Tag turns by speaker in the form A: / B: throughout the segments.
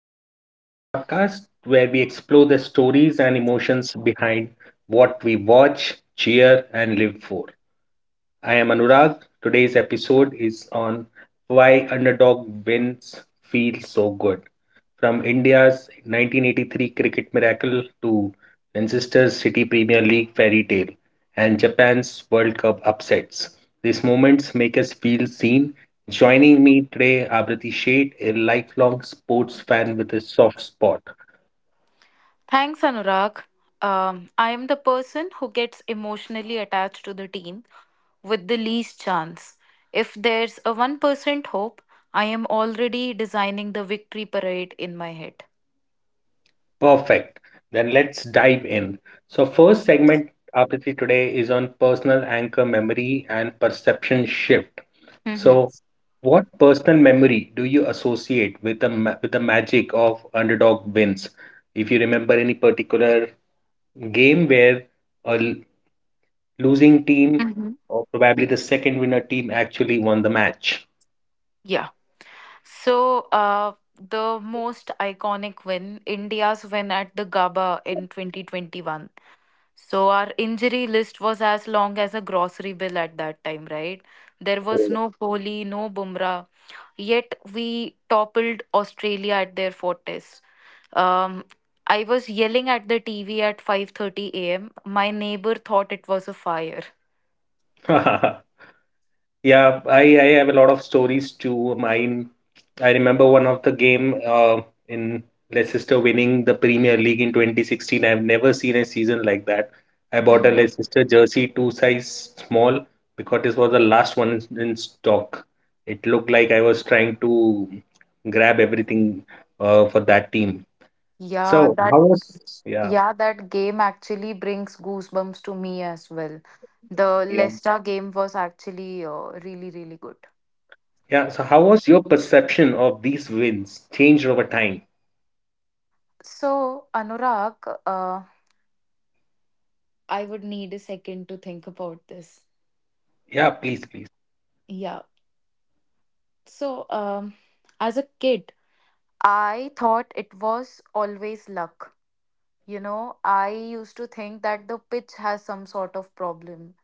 A: Hi, welcome to the podcast where we explore the stories and emotions behind what we watch, cheer, and live for. I am Anurag. Today's episode is on why underdog wins feel so good. From India's 1983 cricket miracle to Manchester City Premier League fairy tale and Japan's World Cup upsets, these moments make us feel seen. Joining me today, Abrati Sheth, a lifelong sports fan with a soft spot.
B: Thanks, Anurag. I am the person who gets emotionally attached to the team with the least chance. If there's a 1% hope, I am already designing the victory parade in my head.
A: Perfect. Then let's dive in. So, first segment, Abrati, today is on personal anchor memory and perception shift.
B: Mhm.
A: So, what personal memory do you associate with with the magic of underdog wins? If you remember any particular game where a l- losing team
B: Mhm.
A: or probably the second winner team actually won the match.
B: Yeah. So, uh, the most iconic win, India's win at the GABA in 2021. So, our injury list was as long as a grocery bill at that time, right? There was
A: Oh.
B: no Kohli, no Bumrah, yet we toppled Australia at their fortress. Um, I was yelling at the TV at 5:30 a.m. My neighbor thought it was a fire.
A: Yeah, I have a lot of stories too. Mine, I remember one of the game in Leicester winning the Premier League in 2016. I've never seen a season like that. I bought a
B: Mhm.
A: Leicester jersey, two size small, because this was the last one in stock. It looked like I was trying to grab everything for that team.
B: Yeah,
A: So
B: that
A: how was yeah
B: yeah, that game actually brings goosebumps to me as well. The
A: yeah
B: Leicester game was actually really, really good.
A: yeah? So how was your perception of these wins changed over time?
B: So, Anurag, I would need a second to think about this.
A: Yeah, please, please.
B: Yeah. So, um, as a kid, I thought it was always luck. You know, I used to think that the pitch has some sort of problem.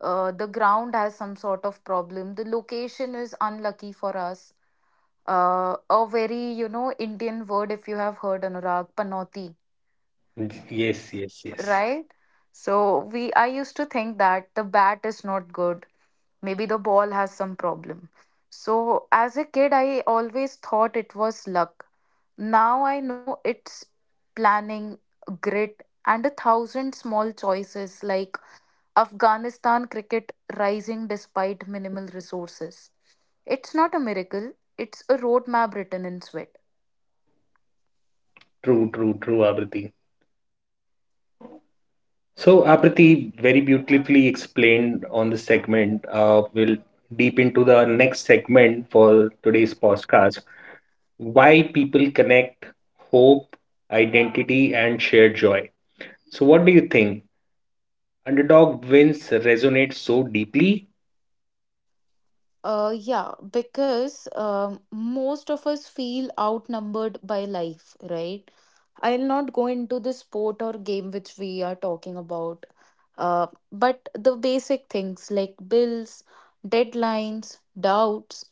B: The ground has some sort of problem. The location is unlucky for us. A very, you know, Indian word, if you have heard Anurag, panoti,
A: Yes, yes, yes.
B: right? So we I used to think that the bat is not good. Maybe the ball has some problem. So as a kid, I always thought it was luck. Now I know it's planning, grit, and a thousand small choices like Afghanistan cricket rising despite minimal resources. It's not a miracle, it's a roadmap written in sweat.
A: True, true, true, Avriti. So, Avriti very beautifully explained on the segment. We'll deep into the next segment for today's podcast. Why people connect hope, identity, and shared joy. So, what do you think? Underdog wins resonates so deeply.
B: Yeah, because most of us feel outnumbered by life, right? I'll not go into the sport or game which we are talking about, but the basic things like bills, deadlines, doubts.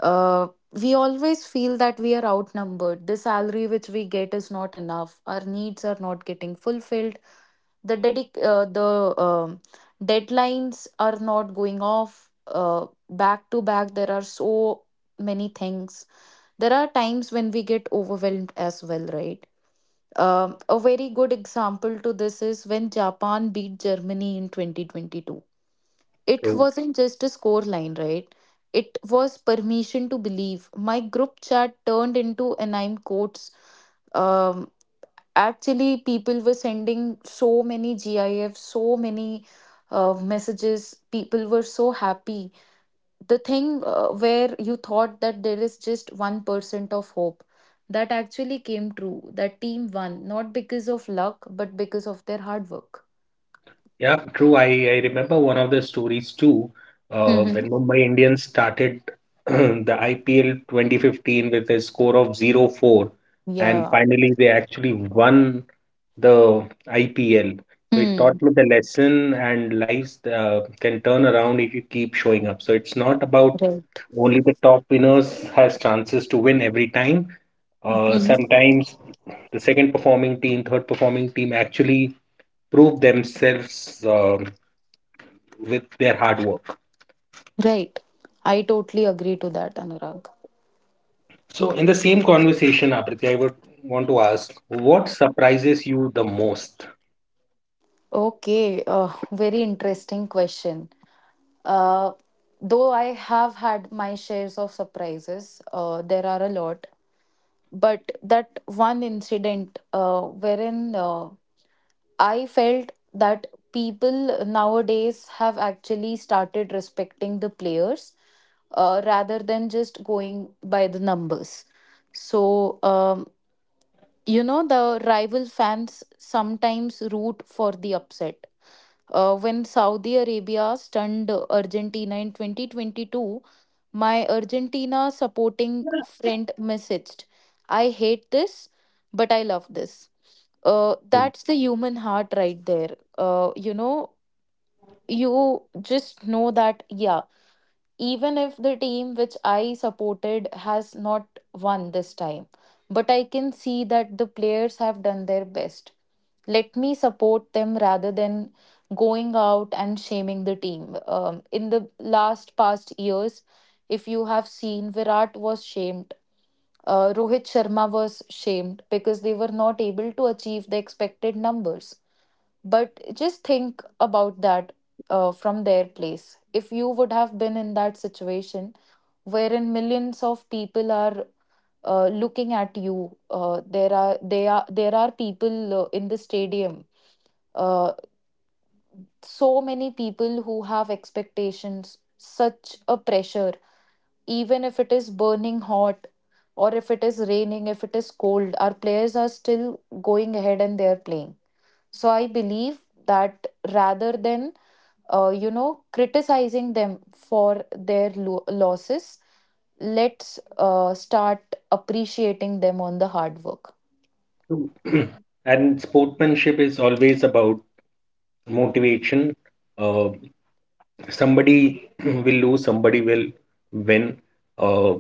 B: We always feel that we are outnumbered. The salary which we get is not enough. Our needs are not getting fulfilled. The deadlines are not going off. Back to back, there are so many things. There are times when we get overwhelmed as well, right? A very good example to this is when Japan beat Germany in 2022. It wasn't just a score line, right? It was permission to believe. My group chat turned into and I'm quotes. Um, Actually, people were sending so many GIFs, so many messages. People were so happy the thing where you thought that there is just 1% of hope, that actually came true. That team won not because of luck but because of their hard work.
A: Yeah, true. I remember one of the stories too,
B: Mm-hmm.
A: when Mumbai Indians started the IPL 2015 with a score of 0-4, and
B: Yeah.
A: finally they actually won the IPL. So it
B: Hmm.
A: taught me the lesson and lives can turn around if you keep showing up. So it's not about
B: Right.
A: only the top winners has chances to win every time.
B: Hmm.
A: Sometimes the second performing team, third performing team actually prove themselves. With their hard work.
B: Right. I totally agree to that, Anurag.
A: So, in the same conversation, Apriti, I would want to ask what surprises you the most?
B: Okay. Very interesting question. uh, though I have had my shares of surprises, there are a lot, but that one incident, wherein I felt that people nowadays have actually started respecting the players, rather than just going by the numbers. So, um, you know, the rival fans sometimes root for the upset. When Saudi Arabia stunned Argentina in 2022, my Argentina supporting friend messaged, "I hate this, but I love this." That's the human heart right there. You know, you just know that, yeah, even if the team which I supported has not won this time. But I can see that the players have done their best. Let me support them rather than going out and shaming the team. In the last past years, if you have seen, Virat was shamed. Rohit Sharma was shamed because they were not able to achieve the expected numbers. But just think about that from their place. If you would have been in that situation wherein millions of people are looking at you, there are people in the stadium. Uh, so many people who have expectations, such a pressure. Even if it is burning hot, or if it is raining, if it is cold, our players are still going ahead and they are playing. So I believe that, rather than you know, criticizing them for their losses, let's start appreciating them on the hard work.
A: So, and sportsmanship is always about motivation. Uh, somebody will lose, somebody will win. Uh,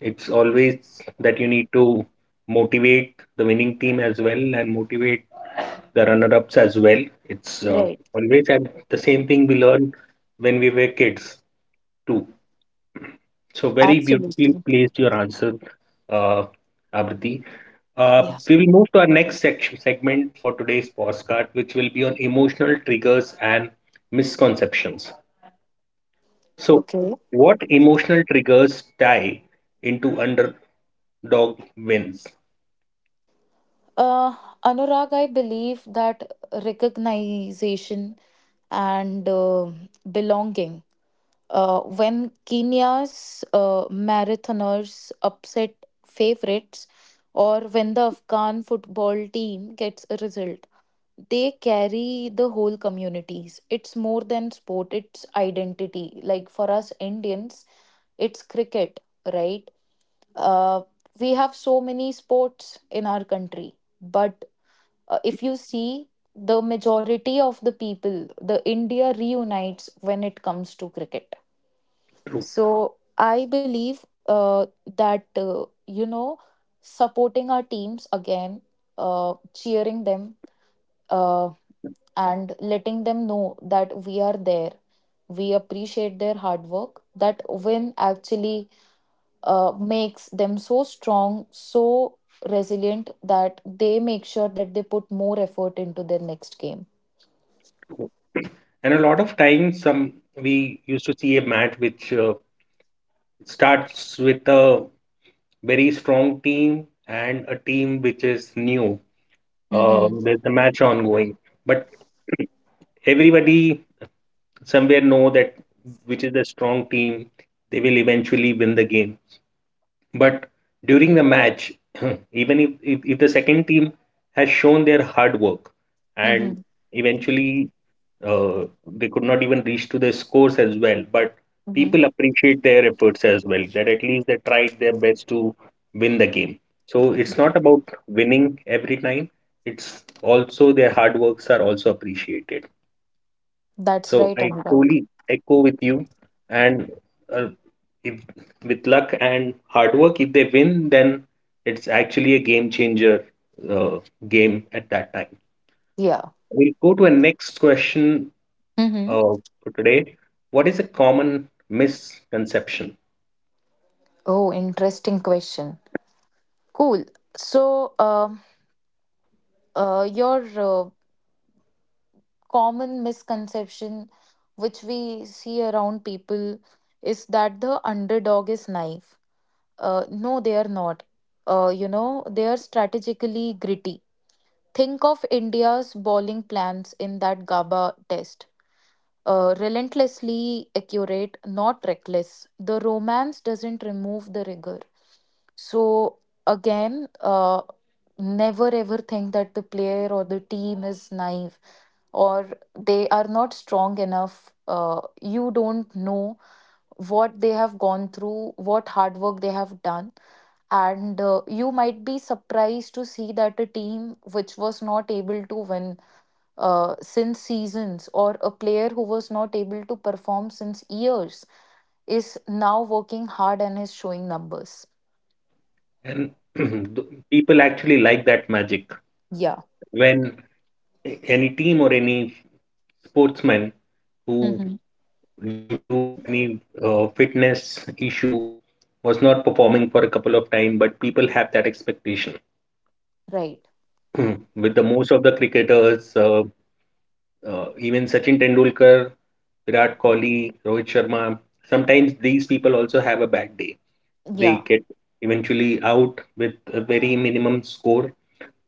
A: it's always that you need to motivate the winning team as well and motivate the runner ups as well. It's
B: Right.
A: always at the same thing we learn when we were kids too. So very beautifully
B: Absolutely.
A: placed your answer, uh, Abriti.
B: Yeah.
A: We will move to our next section segment for today's postcard, which will be on emotional triggers and misconceptions. So,
B: Okay.
A: what emotional triggers tie into underdog wins?
B: Uh, Anurag, I believe that recognition and belonging. When Kenya's marathoners upset favorites, or when the Afghan football team gets a result, they carry the whole communities. It's more than sport, it's identity. Like for us Indians, it's cricket, right? Uh, we have so many sports in our country, but if you see, the majority of the people, the India reunites when it comes to cricket.
A: True.
B: So I believe that you know, supporting our teams again, cheering them, uh, and letting them know that we are there. We appreciate their hard work. That win actually makes them so strong, so resilient, that they make sure that they put more effort into their next game.
A: And a lot of times, some we used to see a match which starts with a very strong team and a team which is new.
B: Mm-hmm.
A: There's a match ongoing. But everybody somewhere know that which is the strong team they will eventually win the game, but during the match even if the second team has shown their hard work and
B: Mm-hmm.
A: eventually uh, they could not even reach to the scores as well, but
B: Mm-hmm.
A: people appreciate their efforts as well that at least they tried their best to win the game. So it's not about winning every time, it's also their hard works are also appreciated.
B: That's
A: So
B: right,
A: I
B: Anurag.
A: truly echo with you. And uh, if with luck and hard work, if they win, then it's actually a game changer uh, game at that time.
B: Yeah.
A: We'll go to a next question
B: Mm-hmm.
A: uh, for today. What is a common misconception?
B: Oh, interesting question. Cool. So, your uh, Common misconception, which we see around people, is that the underdog is naive. No, they are not. You know, they are strategically gritty. Think of India's bowling plans in that GABA test, relentlessly accurate, not reckless. The romance doesn't remove the rigor. So, again, never ever think that the player or the team is naive or they are not strong enough. You don't know what they have gone through, what hard work they have done. And you might be surprised to see that a team which was not able to win since seasons, or a player who was not able to perform since years, is now working hard and is showing numbers.
A: And people actually like that magic.
B: Yeah.
A: When any team or any sportsman who
B: Mm-hmm.
A: due to any fitness issue was not performing for a couple of time, but people have that expectation
B: Right.
A: with the most of the cricketers even Sachin Tendulkar, Virat Kohli, Rohit Sharma, sometimes these people also have a bad day. They
B: Yeah.
A: get eventually out with a very minimum score,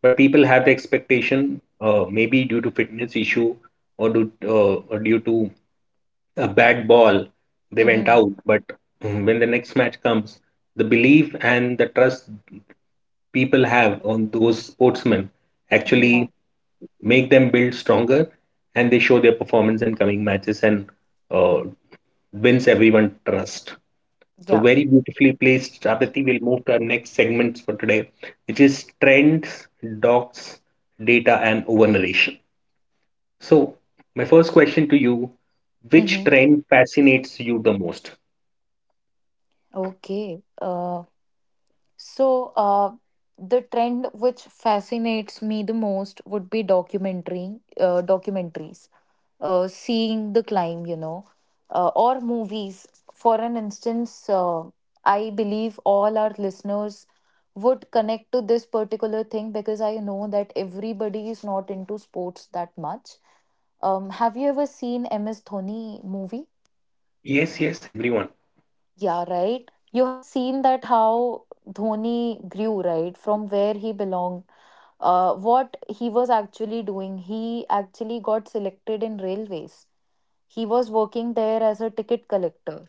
A: but people have the expectation, maybe due to fitness issue or due to a bad ball, they went
B: Mm-hmm.
A: out. But when the next match comes, the belief and the trust people have on those sportsmen actually
B: Yeah.
A: make them build stronger, and they show their performance in coming matches and uh, wins everyone trust. So
B: Yeah.
A: very beautifully placed, Abhati. We'll move to our next segments for today, which is trends, docs, data, and over narration. So my first question to you: Which
B: Mm-hmm.
A: trend fascinates you the most?
B: Okay. So, the trend which fascinates me the most would be documentaries. Seeing the climb, you know, or movies. For an instance, I believe all our listeners would connect to this particular thing because I know that everybody is not into sports that much. Have you ever seen MS Dhoni movie?
A: Yes, yes, everyone.
B: Yeah, right. You have seen that how Dhoni grew, right? From where he belonged, what he was actually doing. He actually got selected in railways. He was working there as a ticket collector.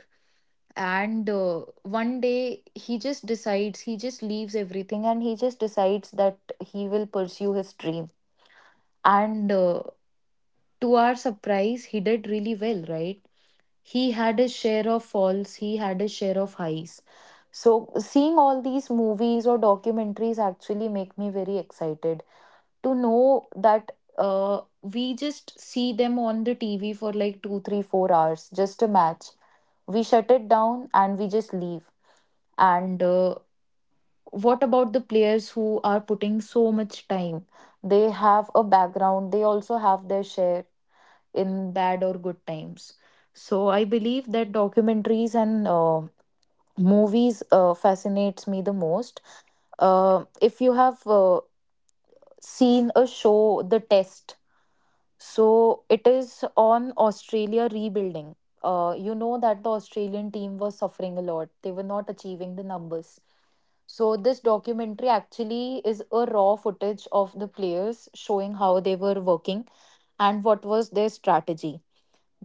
B: And one day he just decides, he just leaves everything and he just decides that he will pursue his dream. And to our surprise, he did really well, right? He had his share of falls, he had his share of highs. So, seeing all these movies or documentaries actually make me very excited to know that we just see them on the TV for like two, three, four hours, just a match. We shut it down and we just leave. And what about the players who are putting so much time? They have a background, they also have their share in bad or good times. So I believe that documentaries and movies fascinates me the most. If you have seen a show, The Test. So it is on Australia rebuilding. You know that the Australian team was suffering a lot. They were not achieving the numbers. So this documentary actually is a raw footage of the players showing how they were working and what was their strategy.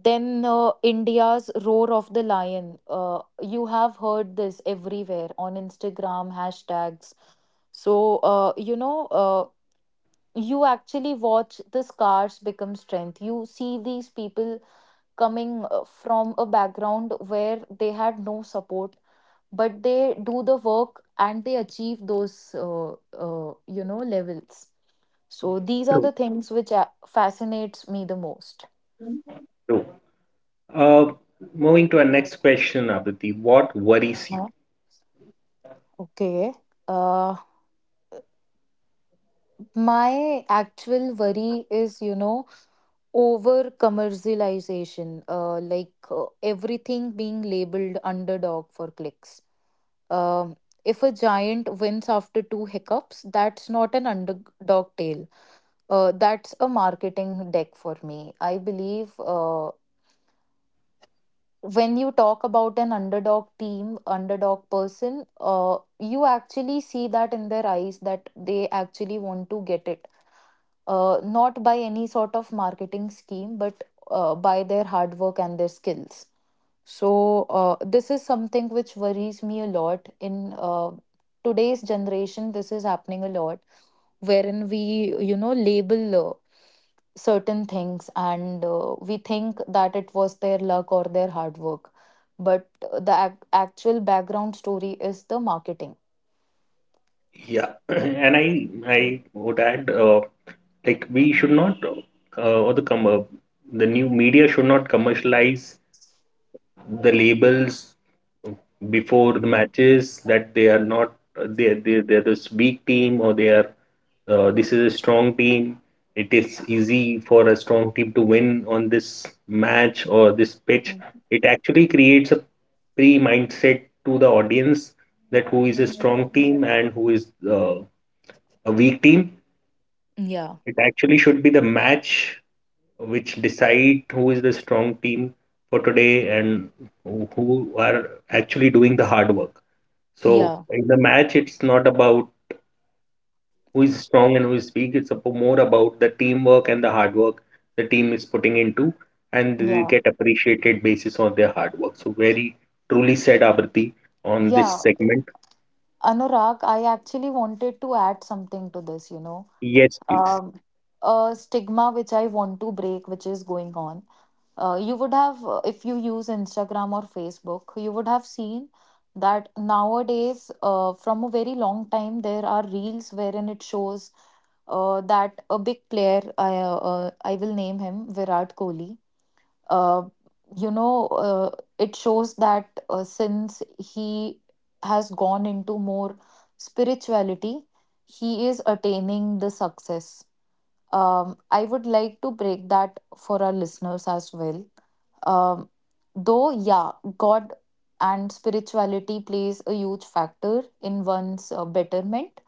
B: Then India's roar of the lion. You have heard this everywhere on Instagram hashtags. So, you actually watch the scars become strength. You see these people coming from a background where they had no support, but they do the work and they achieve those you know, levels. So these are
A: True,
B: the things which fascinates me the most.
A: true. Uh, moving to our next question, Abhiti, what worries you?
B: Huh? Okay. uh my actual worry is, you know, over commercialization, like everything being labeled underdog for clicks. Um, if a giant wins after two hiccups, that's not an underdog tale. That's a marketing deck for me. I believe when you talk about an underdog team, underdog person, you actually see that in their eyes that they actually want to get it. Not by any sort of marketing scheme, but by their hard work and their skills. So, this is something which worries me a lot. In today's generation, this is happening a lot, wherein we, you know, label certain things and we think that it was their luck or their hard work. But the actual background story is the marketing.
A: Yeah, and I would add, like we should not, uh, or the com- uh, the new media should not commercialize the labels before the matches that they are not they're this weak team, or they are this is a strong team. It is easy for a strong team to win on this match or this pitch. It actually creates a pre mindset to the audience that who is a strong team and who is a weak team.
B: Yeah,
A: It actually should be the match which decide who is the strong team for today, and who are actually doing the hard work. So
B: yeah,
A: in the match, it's not about who is strong and who is weak. More about the teamwork and the hard work the team is putting into, and they
B: yeah,
A: get appreciated basis on their hard work. So very truly said, Abrati, on this
B: yeah.
A: segment.
B: Anurag, I actually wanted to add something to this,
A: Yes, please.
B: um, a stigma which I want to break, which is going on. You would have if you use Instagram or Facebook you would have seen that nowadays, from a very long time there are reels wherein it shows that a big player I will name him, Virat Kohli. uh, you know uh, it shows that since he has gone into more spirituality he is attaining the success. I would like to break that for our listeners as well. um, though yeah, God and spirituality plays a huge factor in one's betterment,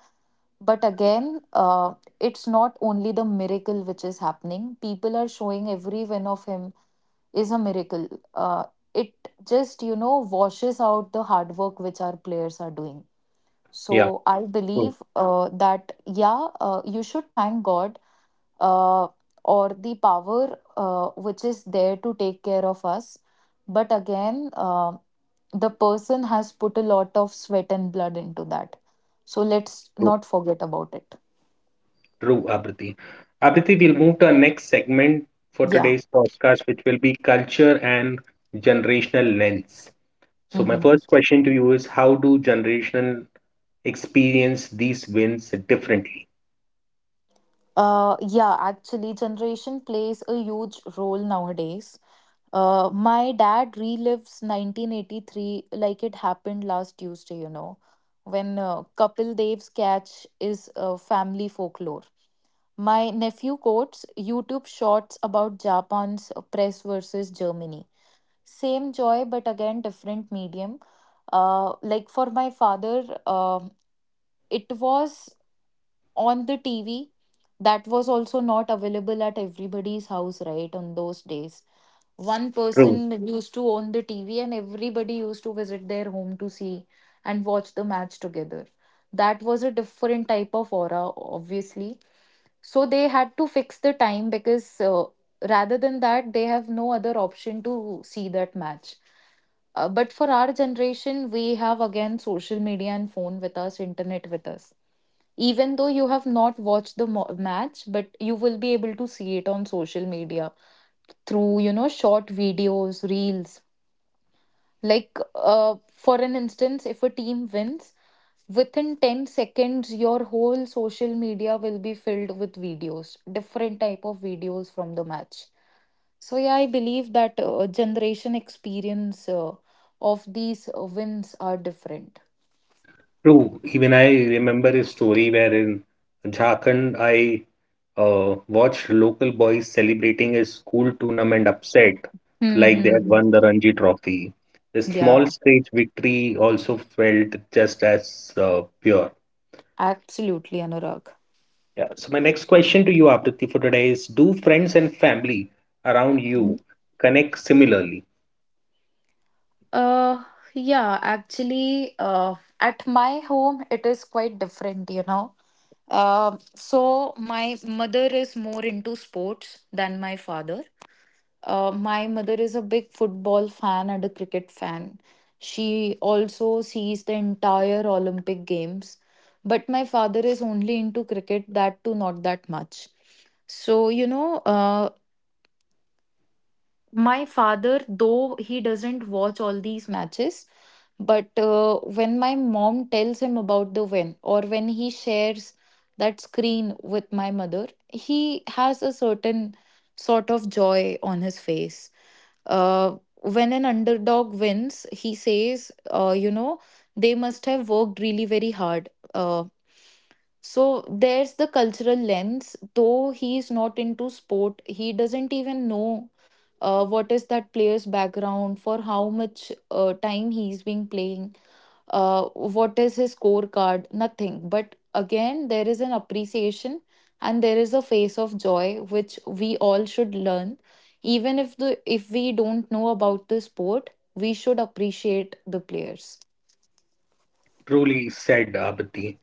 B: but again, it's not only the miracle which is happening. People are showing every win of him is a miracle. uh, it just washes out the hard work which our players are doing. So
A: Yeah.
B: I
A: True,
B: believe that yeah, you should thank God, uh, or the power which is there to take care of us. But again, the person has put a lot of sweat and blood into that. So let's
A: true.
B: not forget about it.
A: True, Abriti. Abriti, we'll move to our next segment for
B: Yeah.
A: today's podcast, which will be culture and generational lens. So, my
B: Hmm.
A: first question to you is how do generational experience these wins differently?
B: Yeah, actually, generation plays a huge role nowadays. My dad relives 1983 like it happened last Tuesday, you know, when Kapil Dev's catch is family folklore. My nephew quotes YouTube shorts about Japan's press versus Germany. Same joy, but again, different medium. Like for my father, it was on the TV. That was also not available at everybody's house, right, on those days. One
A: True.
B: person used to own the TV, and everybody used to visit their home to see and watch the match together. That was a different type of aura, obviously. So they had to fix the time because rather than that, they have no other option to see that match. But for our generation, we have again social media and phone with us, internet with us. Even though you have not watched the match, but you will be able to see it on social media through short videos, reels, like for an instance, if a team wins within 10 seconds your whole social media will be filled with videos, different type of videos from the match. So yeah, I believe that generation experience of these wins are different.
A: True. Even I remember a story where in Jharkhand I watched local boys celebrating a school tournament upset like they had
B: Mm-hmm.
A: won the Ranji Trophy. The
B: Yeah,
A: small stage victory also felt just as pure.
B: absolutely, Anurag.
A: Yeah. So my next question to you, Aprithi, for today is: Do friends and family around
B: Mhm.
A: you connect similarly?
B: uh yeah, actually, at my home it is quite different, you know. So my mother is more into sports than my father. My mother is a big football fan and a cricket fan. She also sees the entire Olympic Games, but my father is only into cricket, that too not that much. So, you know, my father, though he doesn't watch all these matches, but when my mom tells him about the win or when he shares that screen with my mother, he has a certain sort of joy on his face. uh, when an underdog wins he says, you know, they must have worked really very hard. Uh, so there's the cultural lens. Though he's not into sport, he doesn't even know what is that player's background, for how much time he's been playing, what is his scorecard, nothing. But again, there is an appreciation and there is a face of joy which we all should learn. Even if we don't know about the sport, we should appreciate the players.
A: Truly said, Abati.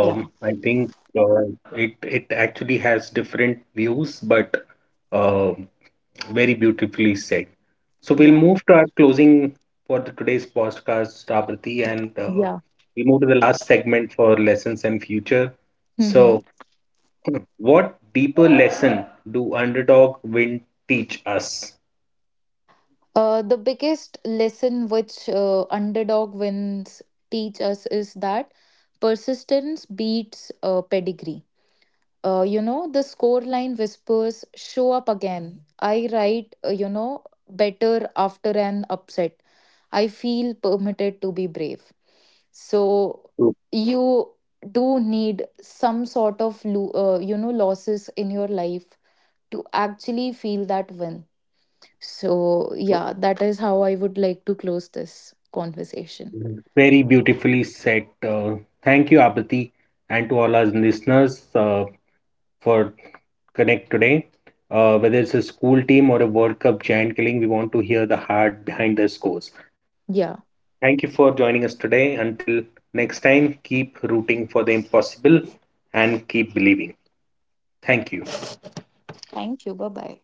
B: Yeah,
A: I think uh, it it actually has different views, but uh, very beautifully said. So we'll
B: yeah,
A: move to our closing for the today's podcast, Abati, and
B: yeah.
A: we move to the last segment for lessons and future.
B: Mm-hmm.
A: So, what deeper lesson do underdog win teach us?
B: The biggest lesson which underdog wins teach us is that persistence beats pedigree. The scoreline whispers, show up again. I write, better after an upset. I feel permitted to be brave. So
A: True,
B: you do need some sort of, losses in your life to actually feel that win. So
A: true.
B: yeah, that is how I would like to close this conversation.
A: Very beautifully said. Thank you, Abati, and to all our listeners. For Connect today. Whether it's a school team or a World Cup giant killing, we want to hear the heart behind their scores.
B: Yeah.
A: Thank you for joining us today. Until next time, keep rooting for the impossible and keep believing. Thank you.
B: Thank you. Bye bye.